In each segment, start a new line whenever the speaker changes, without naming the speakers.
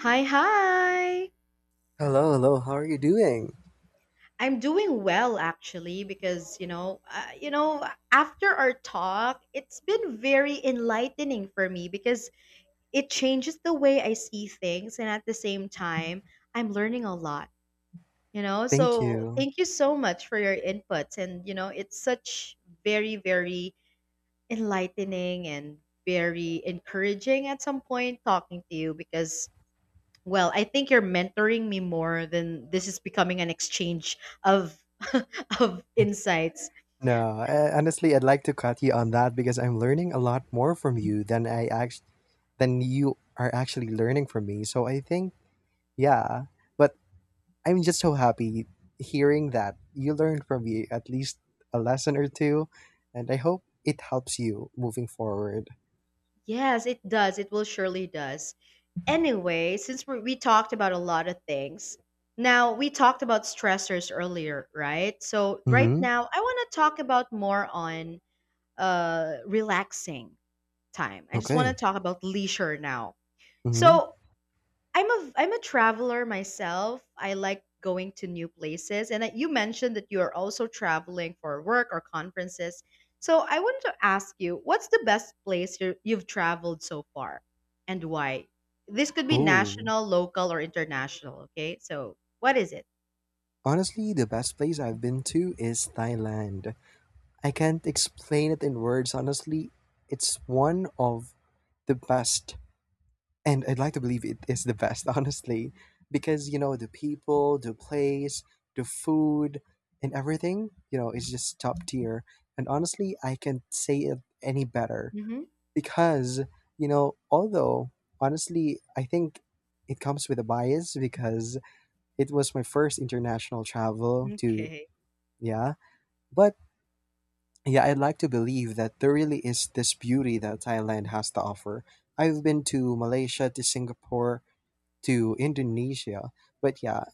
Hi, hi.
Hello, hello. How are you doing?
I'm doing well actually because after our talk, it's been very enlightening for me because it changes the way I see things, and at the same time, I'm learning a lot.
Thank
So,
you.
thank you so much for your inputs, and it's such very very enlightening and very encouraging at some point talking to you, because, well, I think you're mentoring me more than this is becoming an exchange of of insights.
No, honestly, I'd like to cut you on that because I'm learning a lot more from you than you are actually learning from me. So I think, yeah. But I'm just so happy hearing that you learned from me at least a lesson or two, and I hope it helps you moving forward.
Yes, it does. It will surely does. Anyway, since we talked about a lot of things, now we talked about stressors earlier, right? So right
Mm-hmm.
now, I want to talk about more on relaxing time. I just want to
Okay.
talk about leisure now.
Mm-hmm.
So I'm a traveler myself. I like going to new places, and that you mentioned that you are also traveling for work or conferences. So I wanted to ask you, what's the best place you've traveled so far, and why? This could be
Ooh.
national, local, or international. Okay, so what is it?
Honestly, the best place I've been to is Thailand. I can't explain it in words, honestly. It's one of the best, and I'd like to believe it is the best, honestly, because the people, the place, the food, and everything, is just top tier. And honestly, I can't say it any better
Hmm.
because, although honestly, I think it comes with a bias because it was my first international travel to,
Okay,
yeah, but yeah, I'd like to believe that there really is this beauty that Thailand has to offer. I've been to Malaysia, to Singapore, to Indonesia, but yeah,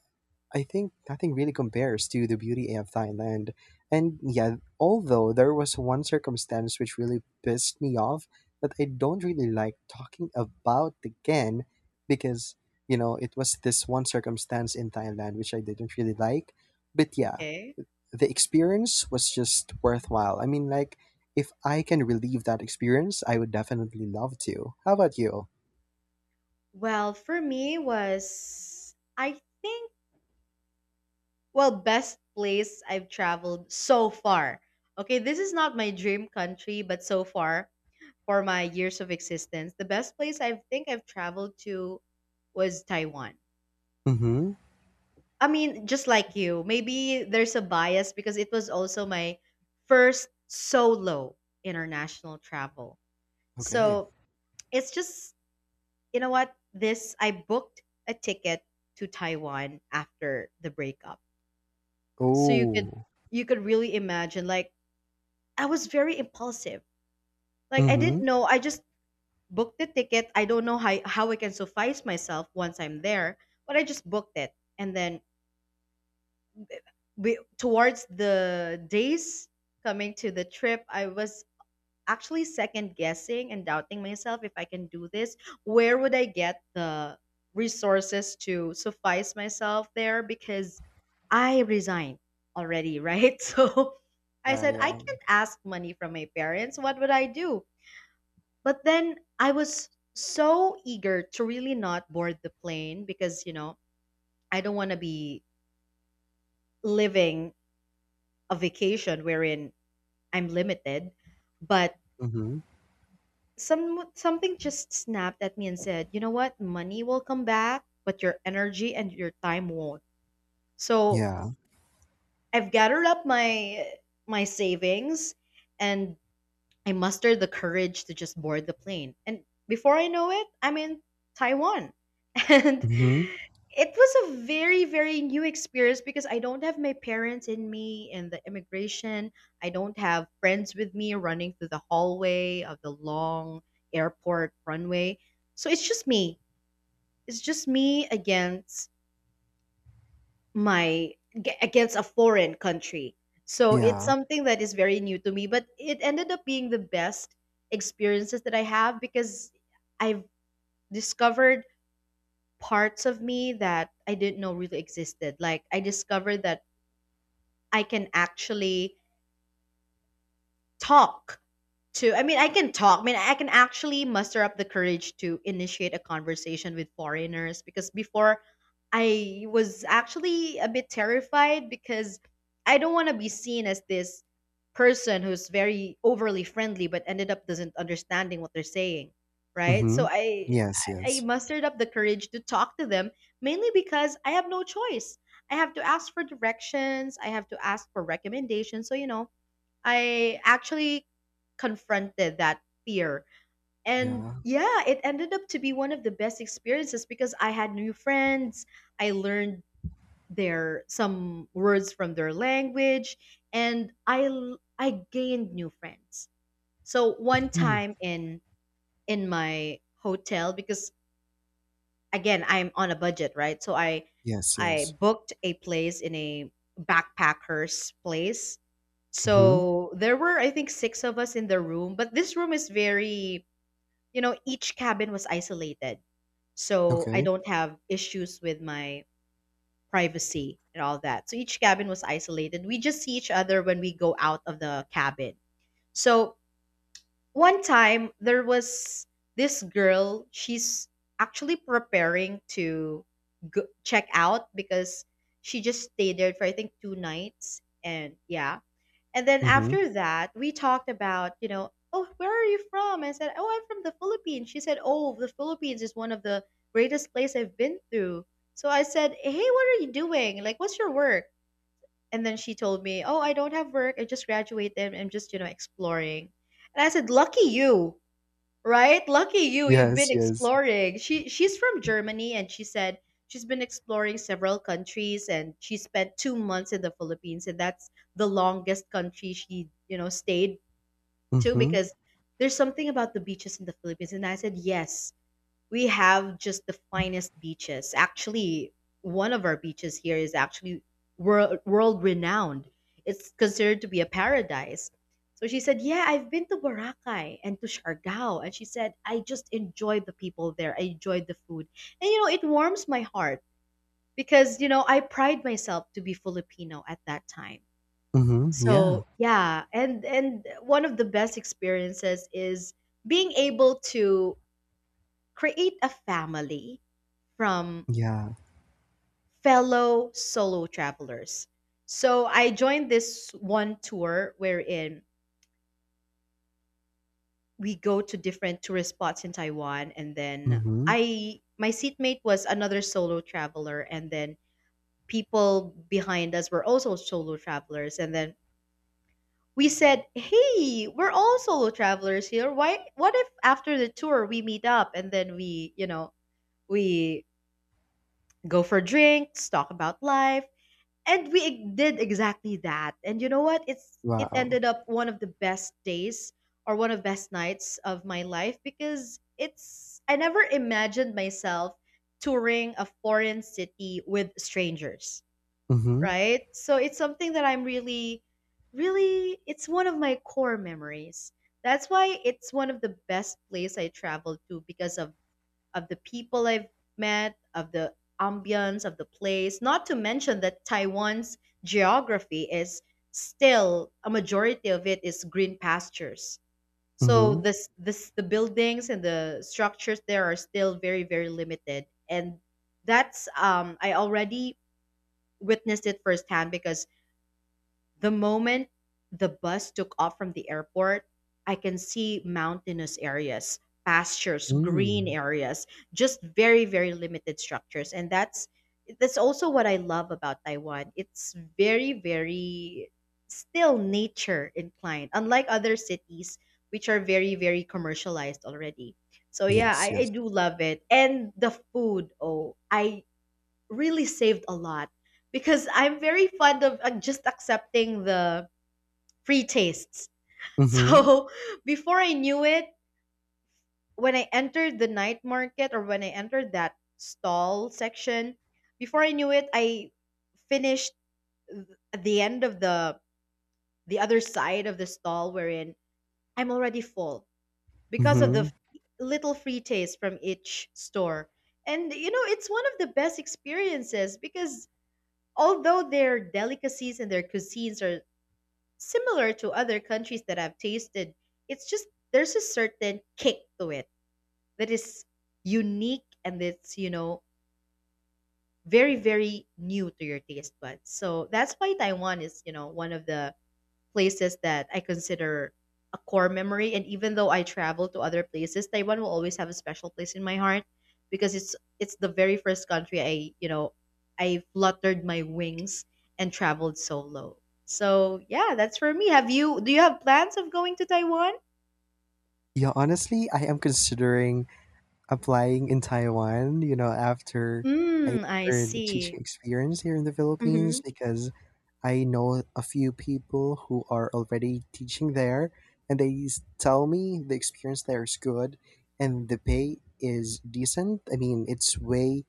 I think nothing really compares to the beauty of Thailand. And yeah, although there was one circumstance which really pissed me off that I don't really like talking about again because, you know, it was this one circumstance in Thailand which I didn't really like. But yeah,
okay.
the experience was just worthwhile. I mean, like, if I can relive that experience, I would definitely love to. How about you?
Well, for me was I think. Well, best place I've traveled so far. Okay, this is not my dream country, but so far for my years of existence, the best place I think I've traveled to was Taiwan.
Mm-hmm.
I mean, just like you, maybe there's a bias because it was also my first solo international travel.
Okay.
So it's just, you know what? This, I booked a ticket to Taiwan after the breakup. So you could
Oh.
you could really imagine, like, I was very impulsive. Like I
Mm-hmm.
didn't know. I just booked the ticket. I don't know how I can suffice myself once I'm there, but I just booked it. And then towards the days coming to the trip, I was actually second guessing and doubting myself if I can do this. Where would I get the resources to suffice myself there because I resigned already, right? So I
Yeah,
said I
yeah.
can't ask money from my parents. What would I do? But then I was so eager to really not board the plane because, I don't want to be living a vacation wherein I'm limited. But
Mm-hmm.
something just snapped at me and said, "You know what? Money will come back, but your energy and your time won't." So,
Yeah.
I've gathered up my savings and I mustered the courage to just board the plane. And before I know it, I'm in Taiwan. And
Mm-hmm.
it was a very, very new experience because I don't have my parents in me in the immigration. I don't have friends with me running through the hallway of the long airport runway. So it's just me. It's just me against my against a foreign country. So it's
Yeah.
something that is very new to me, but it ended up being the best experiences that I have because I've discovered parts of me that I didn't know really existed. Like I discovered that I can actually talk to I mean I can talk I mean I can actually muster up the courage to initiate a conversation with foreigners, because before I was actually a bit terrified because I don't want to be seen as this person who's very overly friendly but ended up doesn't understanding what they're saying, right?
Mm-hmm.
So i
Yes,
i
yes.
mustered up the courage to talk to them, mainly because I have no choice. I have to ask for directions, I have to ask for recommendations. So, I actually confronted that fear. And
Yeah.
yeah, it ended up to be one of the best experiences because I had new friends. I learned their some words from their language, and I gained new friends. So one
Mm-hmm.
time in my hotel because, again, I'm on a budget, right? So i
Yes, yes.
i booked a place in a backpackers place.
Mm-hmm.
So there were, I think, six of us in the room, but this room is very, each cabin was isolated, so I
Okay.
don't have issues with my privacy and all that. So each cabin was isolated, we just see each other when we go out of the cabin. So one time there was this girl, she's actually preparing to check out because she just stayed there for, I think, two nights and yeah. And then
Mm-hmm.
after that, we talked about, "Oh, where are you from?" I said, "Oh, I'm from the Philippines." She said, "Oh, the Philippines is one of the greatest place I've been through." So I said, "Hey, what are you doing, like what's your work?" And then she told me, "Oh, I don't have work, I just graduated, I'm just, exploring." And I said, "Lucky you. Right? Lucky you, you've
Yes,
been
yes.
exploring." She's from Germany, and she said she's been exploring several countries and she spent 2 months in the Philippines, and that's the longest country she, stayed to,
Mm-hmm.
because there's something about the beaches in the Philippines. And I said, "Yes, we have just the finest beaches. Actually, one of our beaches here is actually world renowned. It's considered to be a paradise." So she said, "Yeah, I've been to Boracay and to Siargao." And she said, "I just enjoyed the people there. I enjoyed the food." And, it warms my heart because, I pride myself to be Filipino at that time.
Mm-hmm. Yeah.
So, yeah, and one of the best experiences is being able to create a family from
Yeah.
fellow solo travelers. So I joined this one tour wherein we go to different tourist spots in Taiwan, and then
Mm-hmm.
I my seatmate was another solo traveler, and then people behind us were also solo travelers. And then we said, "Hey, we're all solo travelers here. Why What if after the tour we meet up, and then we, we go for drinks, talk about life?" And did exactly that. And you know what, it
Wow.
ended up one of the best days or one of the best nights of my life, because it's I never imagined myself touring a foreign city with strangers,
Mm-hmm.
right? So it's something that I'm really, really. It's one of my core memories. That's why it's one of the best place I traveled to, because of the people I've met, of the ambience of the place, not to mention that Taiwan's geography is still a majority of it is green pastures. So
Mm-hmm.
this the buildings and the structures there are still very very limited, and that's I already witnessed it firsthand because the moment the bus took off from the airport, I can see mountainous areas, pastures,
Mm.
green areas, just very very limited structures. And that's also what I love about Taiwan. It's very very still nature inclined unlike other cities which are very very commercialized already. So yeah,
Yes,
I
yes.
do love it. And the food, oh, I really saved a lot because I'm very fond of just accepting the free tastes.
Mm-hmm.
So before I knew it, when I entered the night market or when I entered that stall section, before I knew it, I finished th- at the end of the other side of the stall wherein I'm already full because of the
Mm-hmm.
little free taste from each store. And, it's one of the best experiences, because although their delicacies and their cuisines are similar to other countries that I've tasted, it's just there's a certain kick to it that is unique, and it's, very, very new to your taste buds. So that's why Taiwan is, one of the places that I consider a core memory. And even though I travel to other places, Taiwan will always have a special place in my heart because it's the very first country I you know I fluttered my wings and traveled solo. So yeah, that's for me. Have you? Do you have plans of going to Taiwan?
Yeah, honestly, I am considering applying in Taiwan, after I
Hmm, I
learned a teaching
see.
experience here in the Philippines
Mm-hmm.
because I know a few people who are already teaching there, and tell me the experience there is good and the pay is decent. I mean, it's way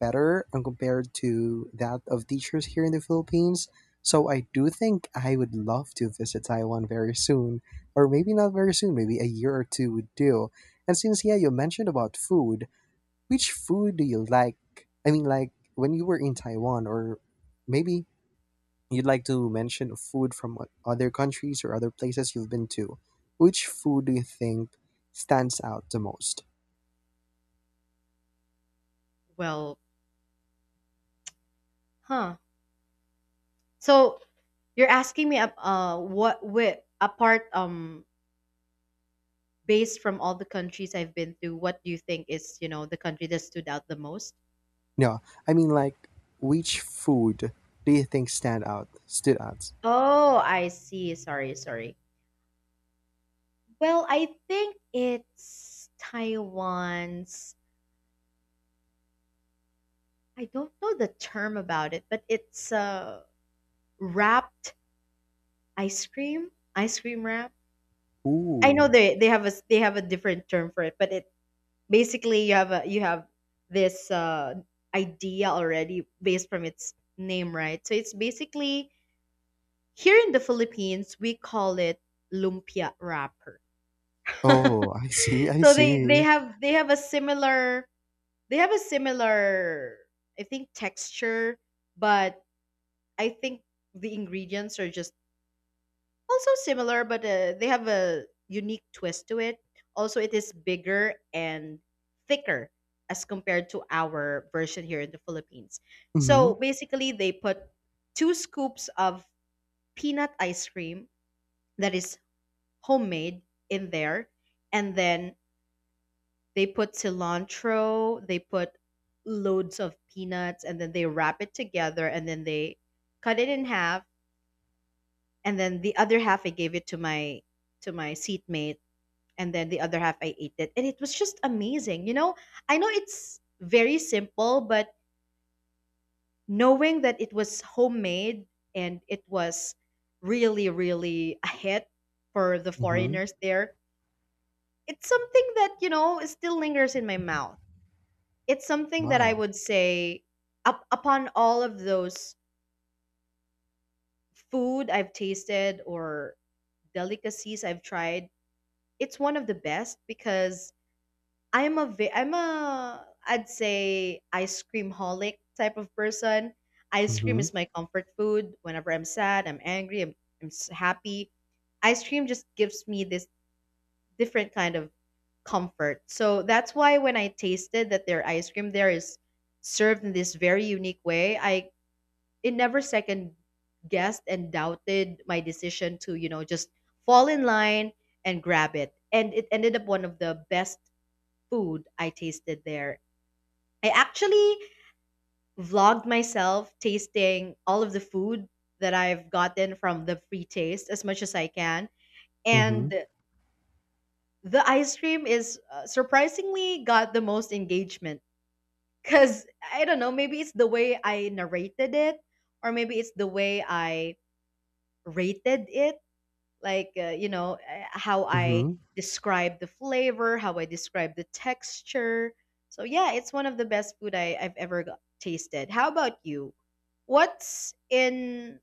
better when compared to that of teachers here in the Philippines. So I do think I would love to visit Taiwan very soon, or maybe not very soon, maybe a year or two would do. And since, yeah, you mentioned about food, which food do you like? I mean, like when you were in Taiwan, or maybe you'd like to mention food from other countries or other places you've been to. Which food do you think stands out the most?
Well, huh. So you're asking me what with apart based from all the countries I've been to, what do you think is, the country that stood out the most?
No, I mean, like which food do you think stand out stood out?
Oh, I see. Sorry, sorry. Well, I think it's Taiwan's, I don't know the term about it, but it's wrapped ice cream wrap. I know
Ooh.
they have a different term for it, but it basically you have this idea already based from its name, right? So it's basically. Here in the Philippines, we call it lumpia wrapper.
Oh, I see. I
So they
see.
have they have a similar they have a similar I think texture, but I think the ingredients are just also similar, but they have a unique twist to it. Also, it is bigger and thicker as compared to our version here in the Philippines.
Mhm.
So basically, they put two scoops of peanut ice cream that is homemade in there, and then they put cilantro, they put loads of peanuts, and then they wrap it together, and then they cut it in half. And then the other half, I gave it to my seatmate. And then the other half, I ate it, and it was just amazing, I know it's very simple, but knowing that it was homemade, and it was really really a hit for the
Mhm.
foreigners there. It's something that, still lingers in my mouth. It's something that I
Wow.
would say, upon all of those food I've tasted, or delicacies I've tried, it's one of the best. Because I'm a I'd say ice cream holic type of person. Ice cream
Mhm.
is my comfort food whenever I'm sad, I'm angry, happy. Ice cream just gives me this different kind of comfort. So that's why when I tasted that their ice cream there is served in this very unique way, I it never second guessed and doubted my decision to, just fall in line and grab it. And it ended up one of the best food I tasted there. I actually vlogged myself tasting all of the food that I've gotten from the free taste as much as I can.
Mhm.
And the ice cream is surprisingly got the most engagement. Because I don't know, maybe it's the way I narrated it, or maybe it's the way I rated it, like, how I
Mhm.
describe the flavor, how I describe the texture. So, yeah, it's one of the best food I've ever tasted. How about you? What's in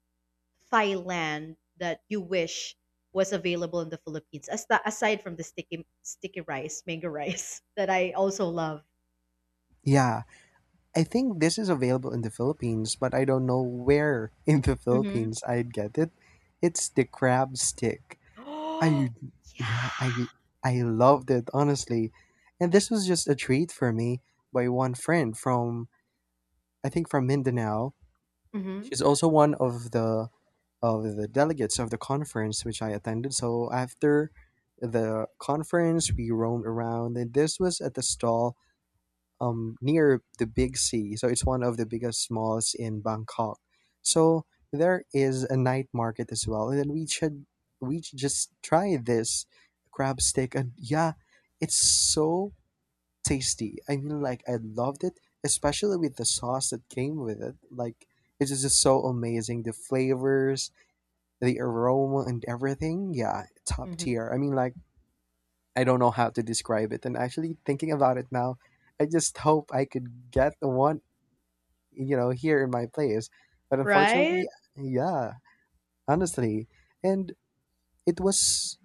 Thailand that you wish was available in the Philippines, as aside from the sticky rice, mango rice, that I also love?
Yeah, I think this is available in the Philippines, but I don't know where in the
Mm-hmm.
Philippines I'd get it. It's the crab stick. I
Oh,
yeah,
yeah.
I loved it honestly. And this was just a treat for me by one friend from, I think, from Mindanao.
Mhm,
She's also one of the delegates of the conference which I attended. So after the conference, we roamed around, and this was at the stall, near the Big Sea. So it's one of the biggest malls in Bangkok. So there is a night market as well, and then we should just try this crab stick. And yeah, it's so tasty. I mean, like, I loved it, especially with the sauce that came with it. Like, it is just so amazing. The flavors, the aroma, and everything. Yeah, top
mhm.
tier. I mean, like, I don't know how to describe it. And actually, thinking about it now, I just hope I could get the one, here in my place. But unfortunately,
Right?
yeah, honestly. And it was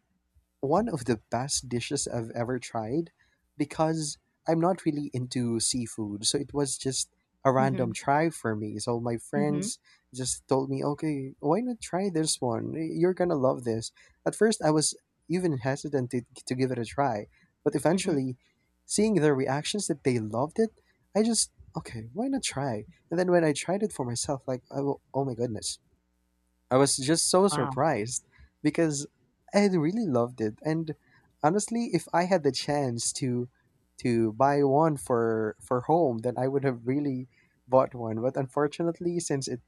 one of the best dishes I've ever tried because I'm not really into seafood, so it was just a random
Mhm,
try for me. So my
mhm,
friends just told me, "Okay, why not try this one? You're gonna love this." At first, I was even hesitant to give it a try, but
mhm.
eventually, seeing their reactions that they loved it, I just okay, why not try? And then when I tried it for myself, like, oh my goodness, I was just so
Wow.
surprised because I had really loved it. And honestly, if I had the chance to buy one for home, then I would have really bought one. But unfortunately, since it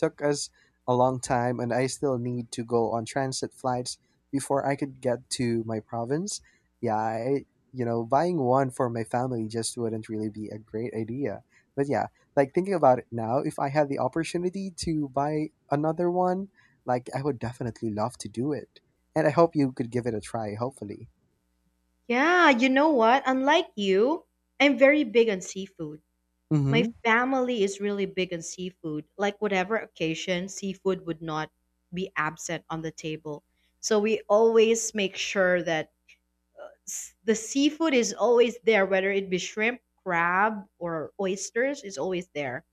took us a long time, and I still need to go on transit flights before I could get to my province. Yeah, I, buying one for my family just wouldn't really be a great idea. But yeah, like thinking about it now, if I had the opportunity to buy another one, like I would definitely love to do it. And I hope you could give it a try, hopefully.
Yeah, you know what? Unlike you, I'm very big on seafood. My
Mm-hmm.
family is really big on seafood. Like whatever occasion, seafood would not be absent on the table. So we always make sure that the seafood is always there, whether it be shrimp, crab, or oysters, is always there.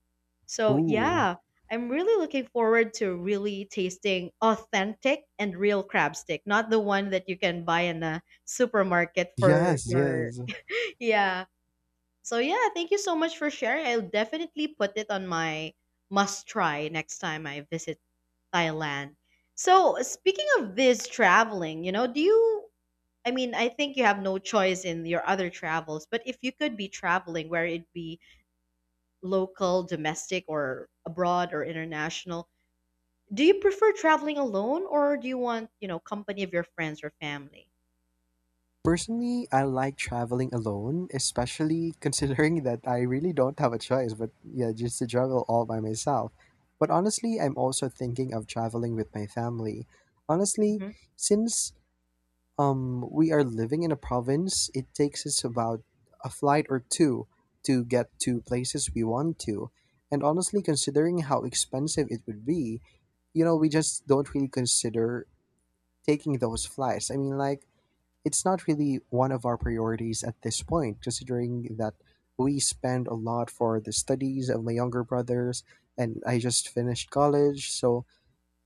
So,
Ooh.
yeah, I'm really looking forward to really tasting authentic and real crab stick, not the one that you can buy in a supermarket for
Yes,
your.
yes.
Yeah. So, yeah, thank you so much for sharing. I'll definitely put it on my must try next time I visit Thailand. So, speaking of this traveling, you know, do you. I mean, I think you have no choice in your other travels, but if you could be traveling where it'd be local, domestic, or abroad or international, do you prefer traveling alone, or do you want, company of your friends or family?
Personally, I like traveling alone, especially considering that I really don't have a choice, but yeah, just to travel all by myself. But honestly, I'm also thinking of traveling with my family. Honestly,
Hmm.
since we are living in a province, it takes us about a flight or two to get to places we want to. And honestly, considering how expensive it would be, we just don't really consider taking those flights. I mean, like, it's not really one of our priorities at this point, considering that we spend a lot for the studies of my younger brothers, and I just finished college, so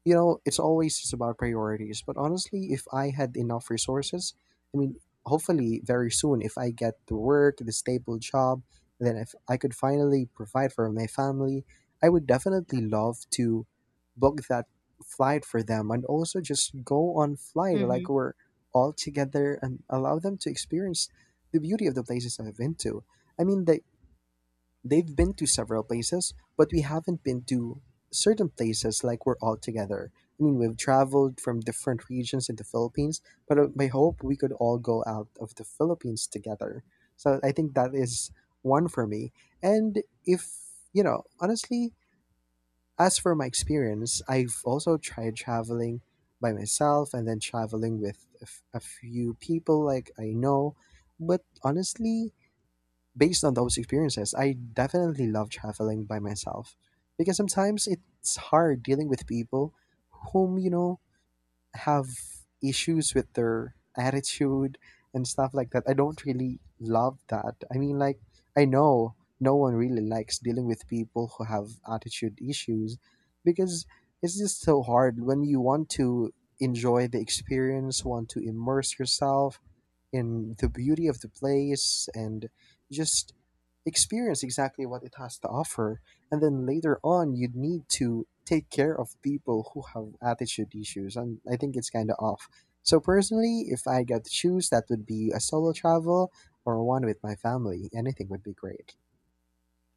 it's always just about priorities. But honestly, if I had enough resources, I mean, hopefully very soon, if I get to work, the stable job, then if I could finally provide for my family, I would definitely love to book that flight for them and also just go on flight
Hmm.
like we're all together, and allow them to experience the beauty of the places I've been to. I mean, they've been to several places, but we haven't been to certain places like we're all together. I mean, we've traveled from different regions in the Philippines, but I hope we could all go out of the Philippines together. So I think that is one for me. And if, you know, honestly, as for my experience, I've also tried traveling by myself and then traveling with a few people like I know. But honestly, based on those experiences, I definitely love traveling by myself because sometimes it's hard dealing with people whom, have issues with their attitude and stuff like that. I don't really love that. I mean, like, I know no one really likes dealing with people who have attitude issues because it's just so hard when you want to enjoy the experience, want to immerse yourself in the beauty of the place and just experience exactly what it has to offer. And then later on, you'd need to take care of people who have attitude issues. And I think it's kind of off. So, personally, if I got to choose, that would be a solo travel or one with my family. Anything would be great.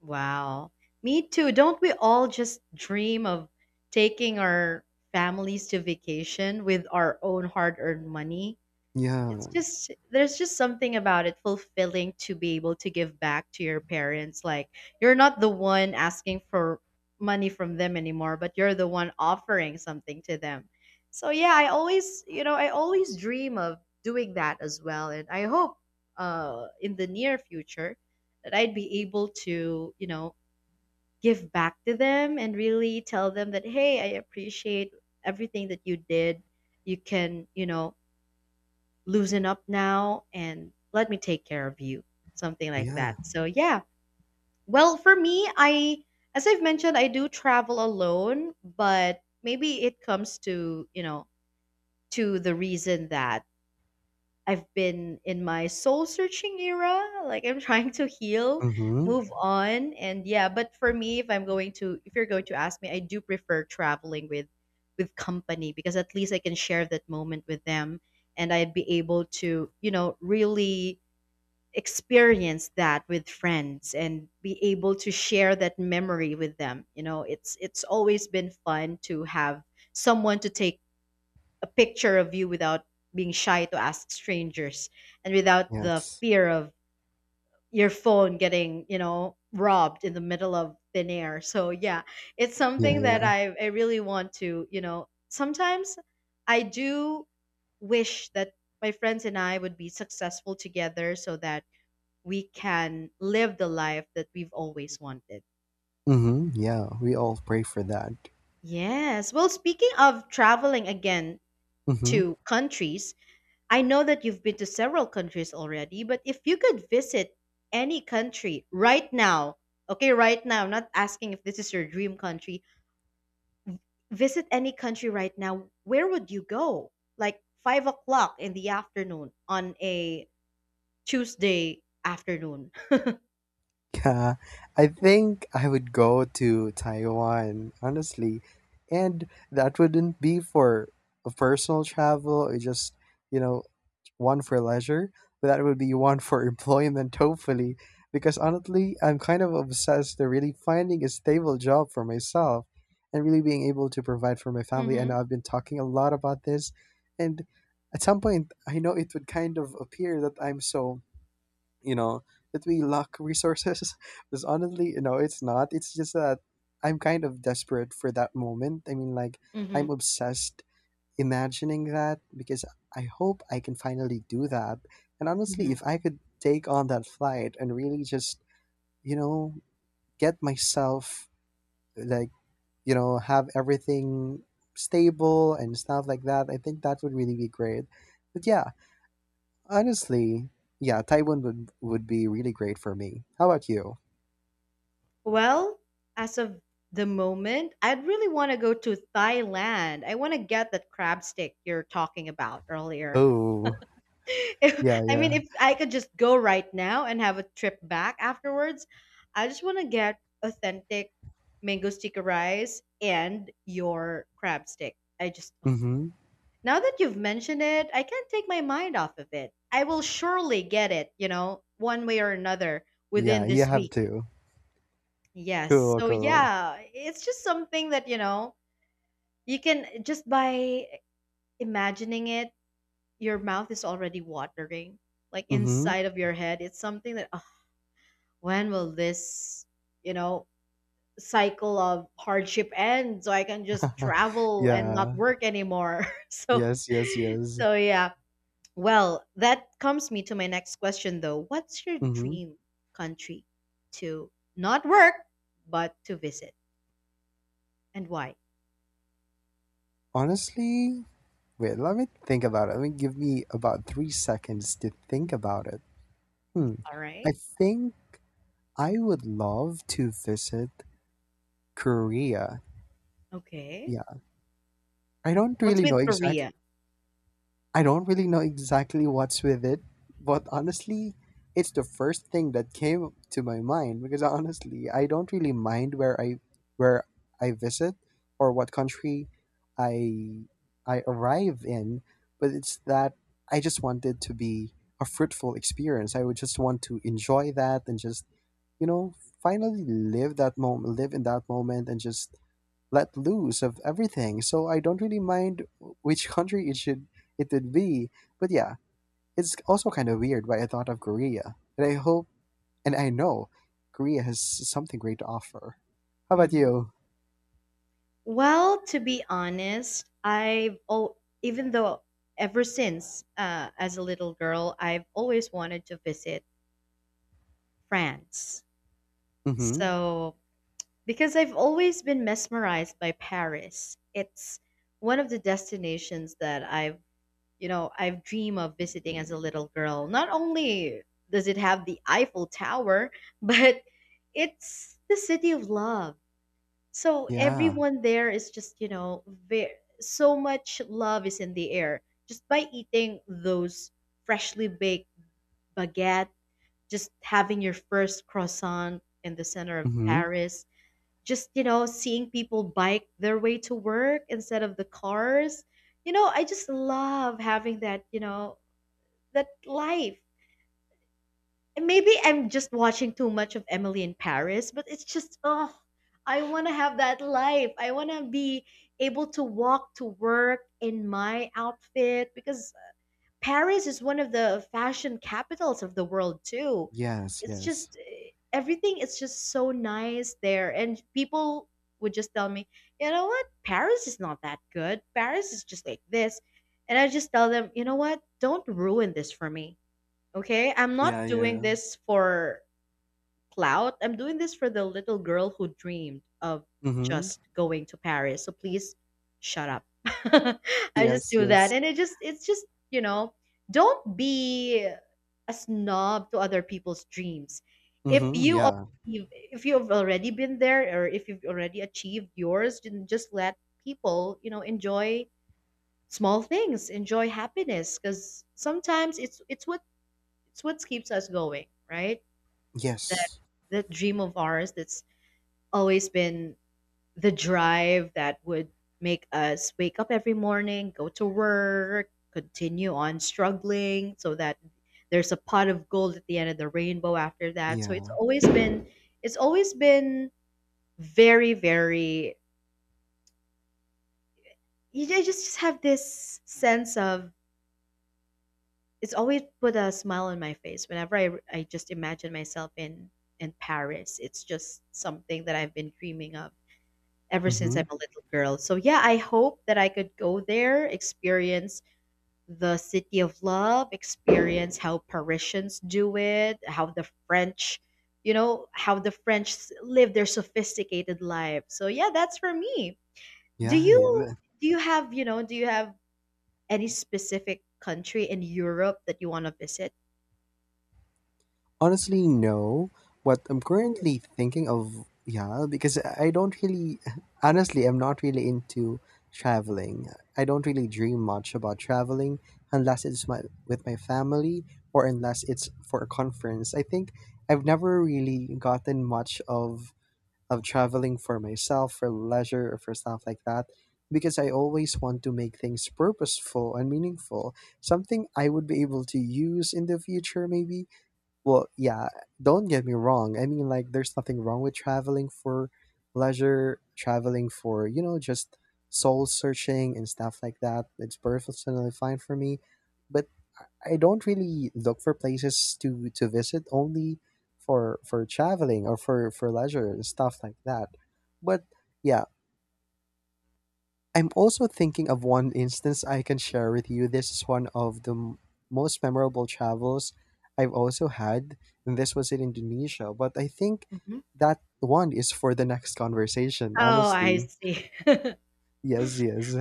Wow. Me too. Don't we all just dream of taking our families to vacation with our own hard-earned money? It's
Yeah,
just, there's just something about it fulfilling to be able to give back to your parents, like, you're not the one asking for money from them anymore, but you're the one offering something to them. So, yeah, I always, I always dream of doing that as well. And I hope, in the near future, that I'd be able to, give back to them, and really tell them that, hey, I appreciate everything that you did. You can, loosen up now, and let me take care of you. Something like
yeah.
that, so, yeah. Well, for me, I as I've mentioned, I do travel alone. But maybe it comes to, to the reason that I've been in my soul searching era. Like, I'm trying to heal,
Mm-hmm.
move on, and yeah. But for me, if I'm going to, if you're going to ask me, I do prefer traveling with company, because at least I can share that moment with them, and I'd be able to, really experience that with friends, and be able to share that memory with them. It's always been fun to have someone to take a picture of you without being shy to ask strangers, and without the
Yes.
fear of your phone getting, robbed in the middle of thin air. So yeah, it's
Yeah,
something that
yeah.
I really want to, sometimes I do wish that my friends and I would be successful together, so that we can live the life that we've always wanted.
Mm-hmm. Yeah, we all pray for that.
Yes. Well, speaking of traveling again
Mm-hmm.
to countries, I know that you've been to several countries already, but if you could visit any country right now, okay, right now, I'm not asking if this is your dream country, visit any country right now, where would you go? Like 5 o'clock in the afternoon on a Tuesday afternoon.
Yeah, I think I would go to Taiwan, honestly. And that wouldn't be for a personal travel or just, you know, one for leisure, but that would be one for employment, hopefully. Because honestly, I'm kind of obsessed to really finding a stable job for myself and really being able to provide for my family. I
Mm-hmm.
know I've been talking a lot about this, and at some point, I know it would kind of appear that I'm so, you know, that we lack resources. Because honestly, you know, it's not, it's just that I'm kind of desperate for that moment. I mean, like,
Mm-hmm.
I'm obsessed imagining that because I hope I can finally do that. And honestly,
Mm-hmm.
if I could take on that flight and really just, you know get myself, like, have everything stable and stuff like that, I think that would really be great. But yeah, honestly, yeah, Taiwan would be really great for me. How about you?
Well, as of the moment, I'd really want to go to Thailand. I want to get that crab stick you're talking about earlier.
Oh, yeah,
If, I mean,
yeah.
if I could just go right now and have a trip back afterwards, I just want to get authentic mango sticky rice and your crab stick. I just,
Mm-hmm.
now that you've mentioned it, I can't take my mind off of it. I will surely get it, one way or another
Yeah,
within
you
this
have
week.
to.
Yes.
Cool,
So,
cool.
yeah, it's just something that, you can just, by imagining it, your mouth is already watering. Like
Mm-hmm.
inside of your head, it's something that when will this, you know, cycle of hardship end so I can just travel and not
Yeah.
work anymore? so,
Yes, yes, yes.
so yeah. Well, that comes me to my next question though. What's your
Mm-hmm.
dream country to not work, but to visit and why?
Honestly, wait, let me think about it. Let me give me about 3 seconds to think about it. Hmm.
All
I
right.
think I would love to visit Korea.
Okay.
Yeah. I don't
What's
really know
with
exactly
Korea?
I don't really know exactly what's with it, but honestly, it's the first thing that came to my mind because honestly, I don't really mind where I visit or what country I I arrive in, but it's that I just want it to be a fruitful experience. I would just want to enjoy that and just, you know, finally live that moment, live in that moment, and just let loose of everything. So I don't really mind which country it would be. But yeah, it's also kind of weird why I thought of Korea. And I hope, and I know, Korea has something great to offer. How about
Mhm.
you?
Well, to be honest, even though ever since as a little girl, I've always wanted to visit France.
Mm-hmm.
So, because I've always been mesmerized by Paris, it's one of the destinations that I've dreamed of visiting as a little girl. Not only does it have the Eiffel Tower, but it's the city of love. So
Yeah.
everyone there is just, very, so much love is in the air, just by eating those freshly baked baguettes, just having your first croissant in the center of
Mm-hmm.
Paris, just, seeing people bike their way to work instead of the cars. I just love having that, that life. And maybe I'm just watching too much of Emily in Paris, but it's just, oh, I want to have that life. I want to be able to walk to work in my outfit, because Paris is one of the fashion capitals of the world too.
Yes,
It's
yes.
just eh, everything is just so nice there, and people would just tell me, "You know what? Paris is not that good. Paris is just like this." And I just tell them, "You know what? Don't ruin this for me." Okay? I'm
Yeah,
not doing
yeah.
this for clout. I'm doing this for the little girl who dreamed of
Mm-hmm.
just going to Paris. So please shut up. I just
Yes,
do that.
yes.
And it just, it's just, you know, don't be a snob to other people's dreams. If
Mm-hmm.
you
Yeah.
if you've already been there, or if you've already achieved yours, then just let people, enjoy small things, enjoy happiness, because sometimes it's what keeps us going, right? That
Yes.
that dream of ours that's always been the drive that would make us wake up every morning, go to work, continue on struggling so that there's a pot of gold at the end of the rainbow after that. So it's
Yeah.
always been it's always been very very you ju- just have this sense of, it's always put a smile on my face whenever I just imagine myself in Paris. It's just something that I've been dreaming of ever since
Mm-hmm.
I'm a little girl. So yeah, I hope that I could go there, experience the city of love, experience how Parisians do it, how the French, how the French live their sophisticated life. So yeah, that's for me. Do
Yeah.
you
Yeah.
do you have, you know, do you have any specific country in Europe that you want to visit?
Honestly, no. What I'm
Oh,
currently thinking of, yeah, because I don't really, honestly, I'm not really into traveling. I don't really dream much about traveling unless it's my with my family, or unless it's for a conference. I think I've never really gotten much of traveling for myself, for leisure, or for stuff like that, because I always want to make things purposeful and meaningful, something I would be able to use in the future, maybe. Well, yeah, don't get me wrong. I mean, like, there's nothing wrong with traveling for leisure, traveling for, you know, just soul searching and stuff like that. It's perfectly fine for me. But I I don't really look for places to visit only for traveling, or for leisure and stuff like that. But yeah, I'm also thinking of one instance I can share with you. This is one of the most memorable travels I've also had, and this was in Indonesia. But I think
mhm.
that one is for the next conversation,
Oh, I
honestly.
see.
Yes, yes.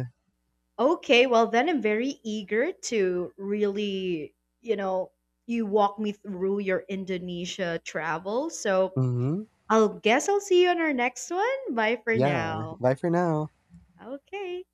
Okay, well then I'm very eager to really, you walk me through your Indonesia travel. So
Mm-hmm.
I'll guess I'll see you on our next one. Bye for
Yeah.
now.
Bye for now.
Okay.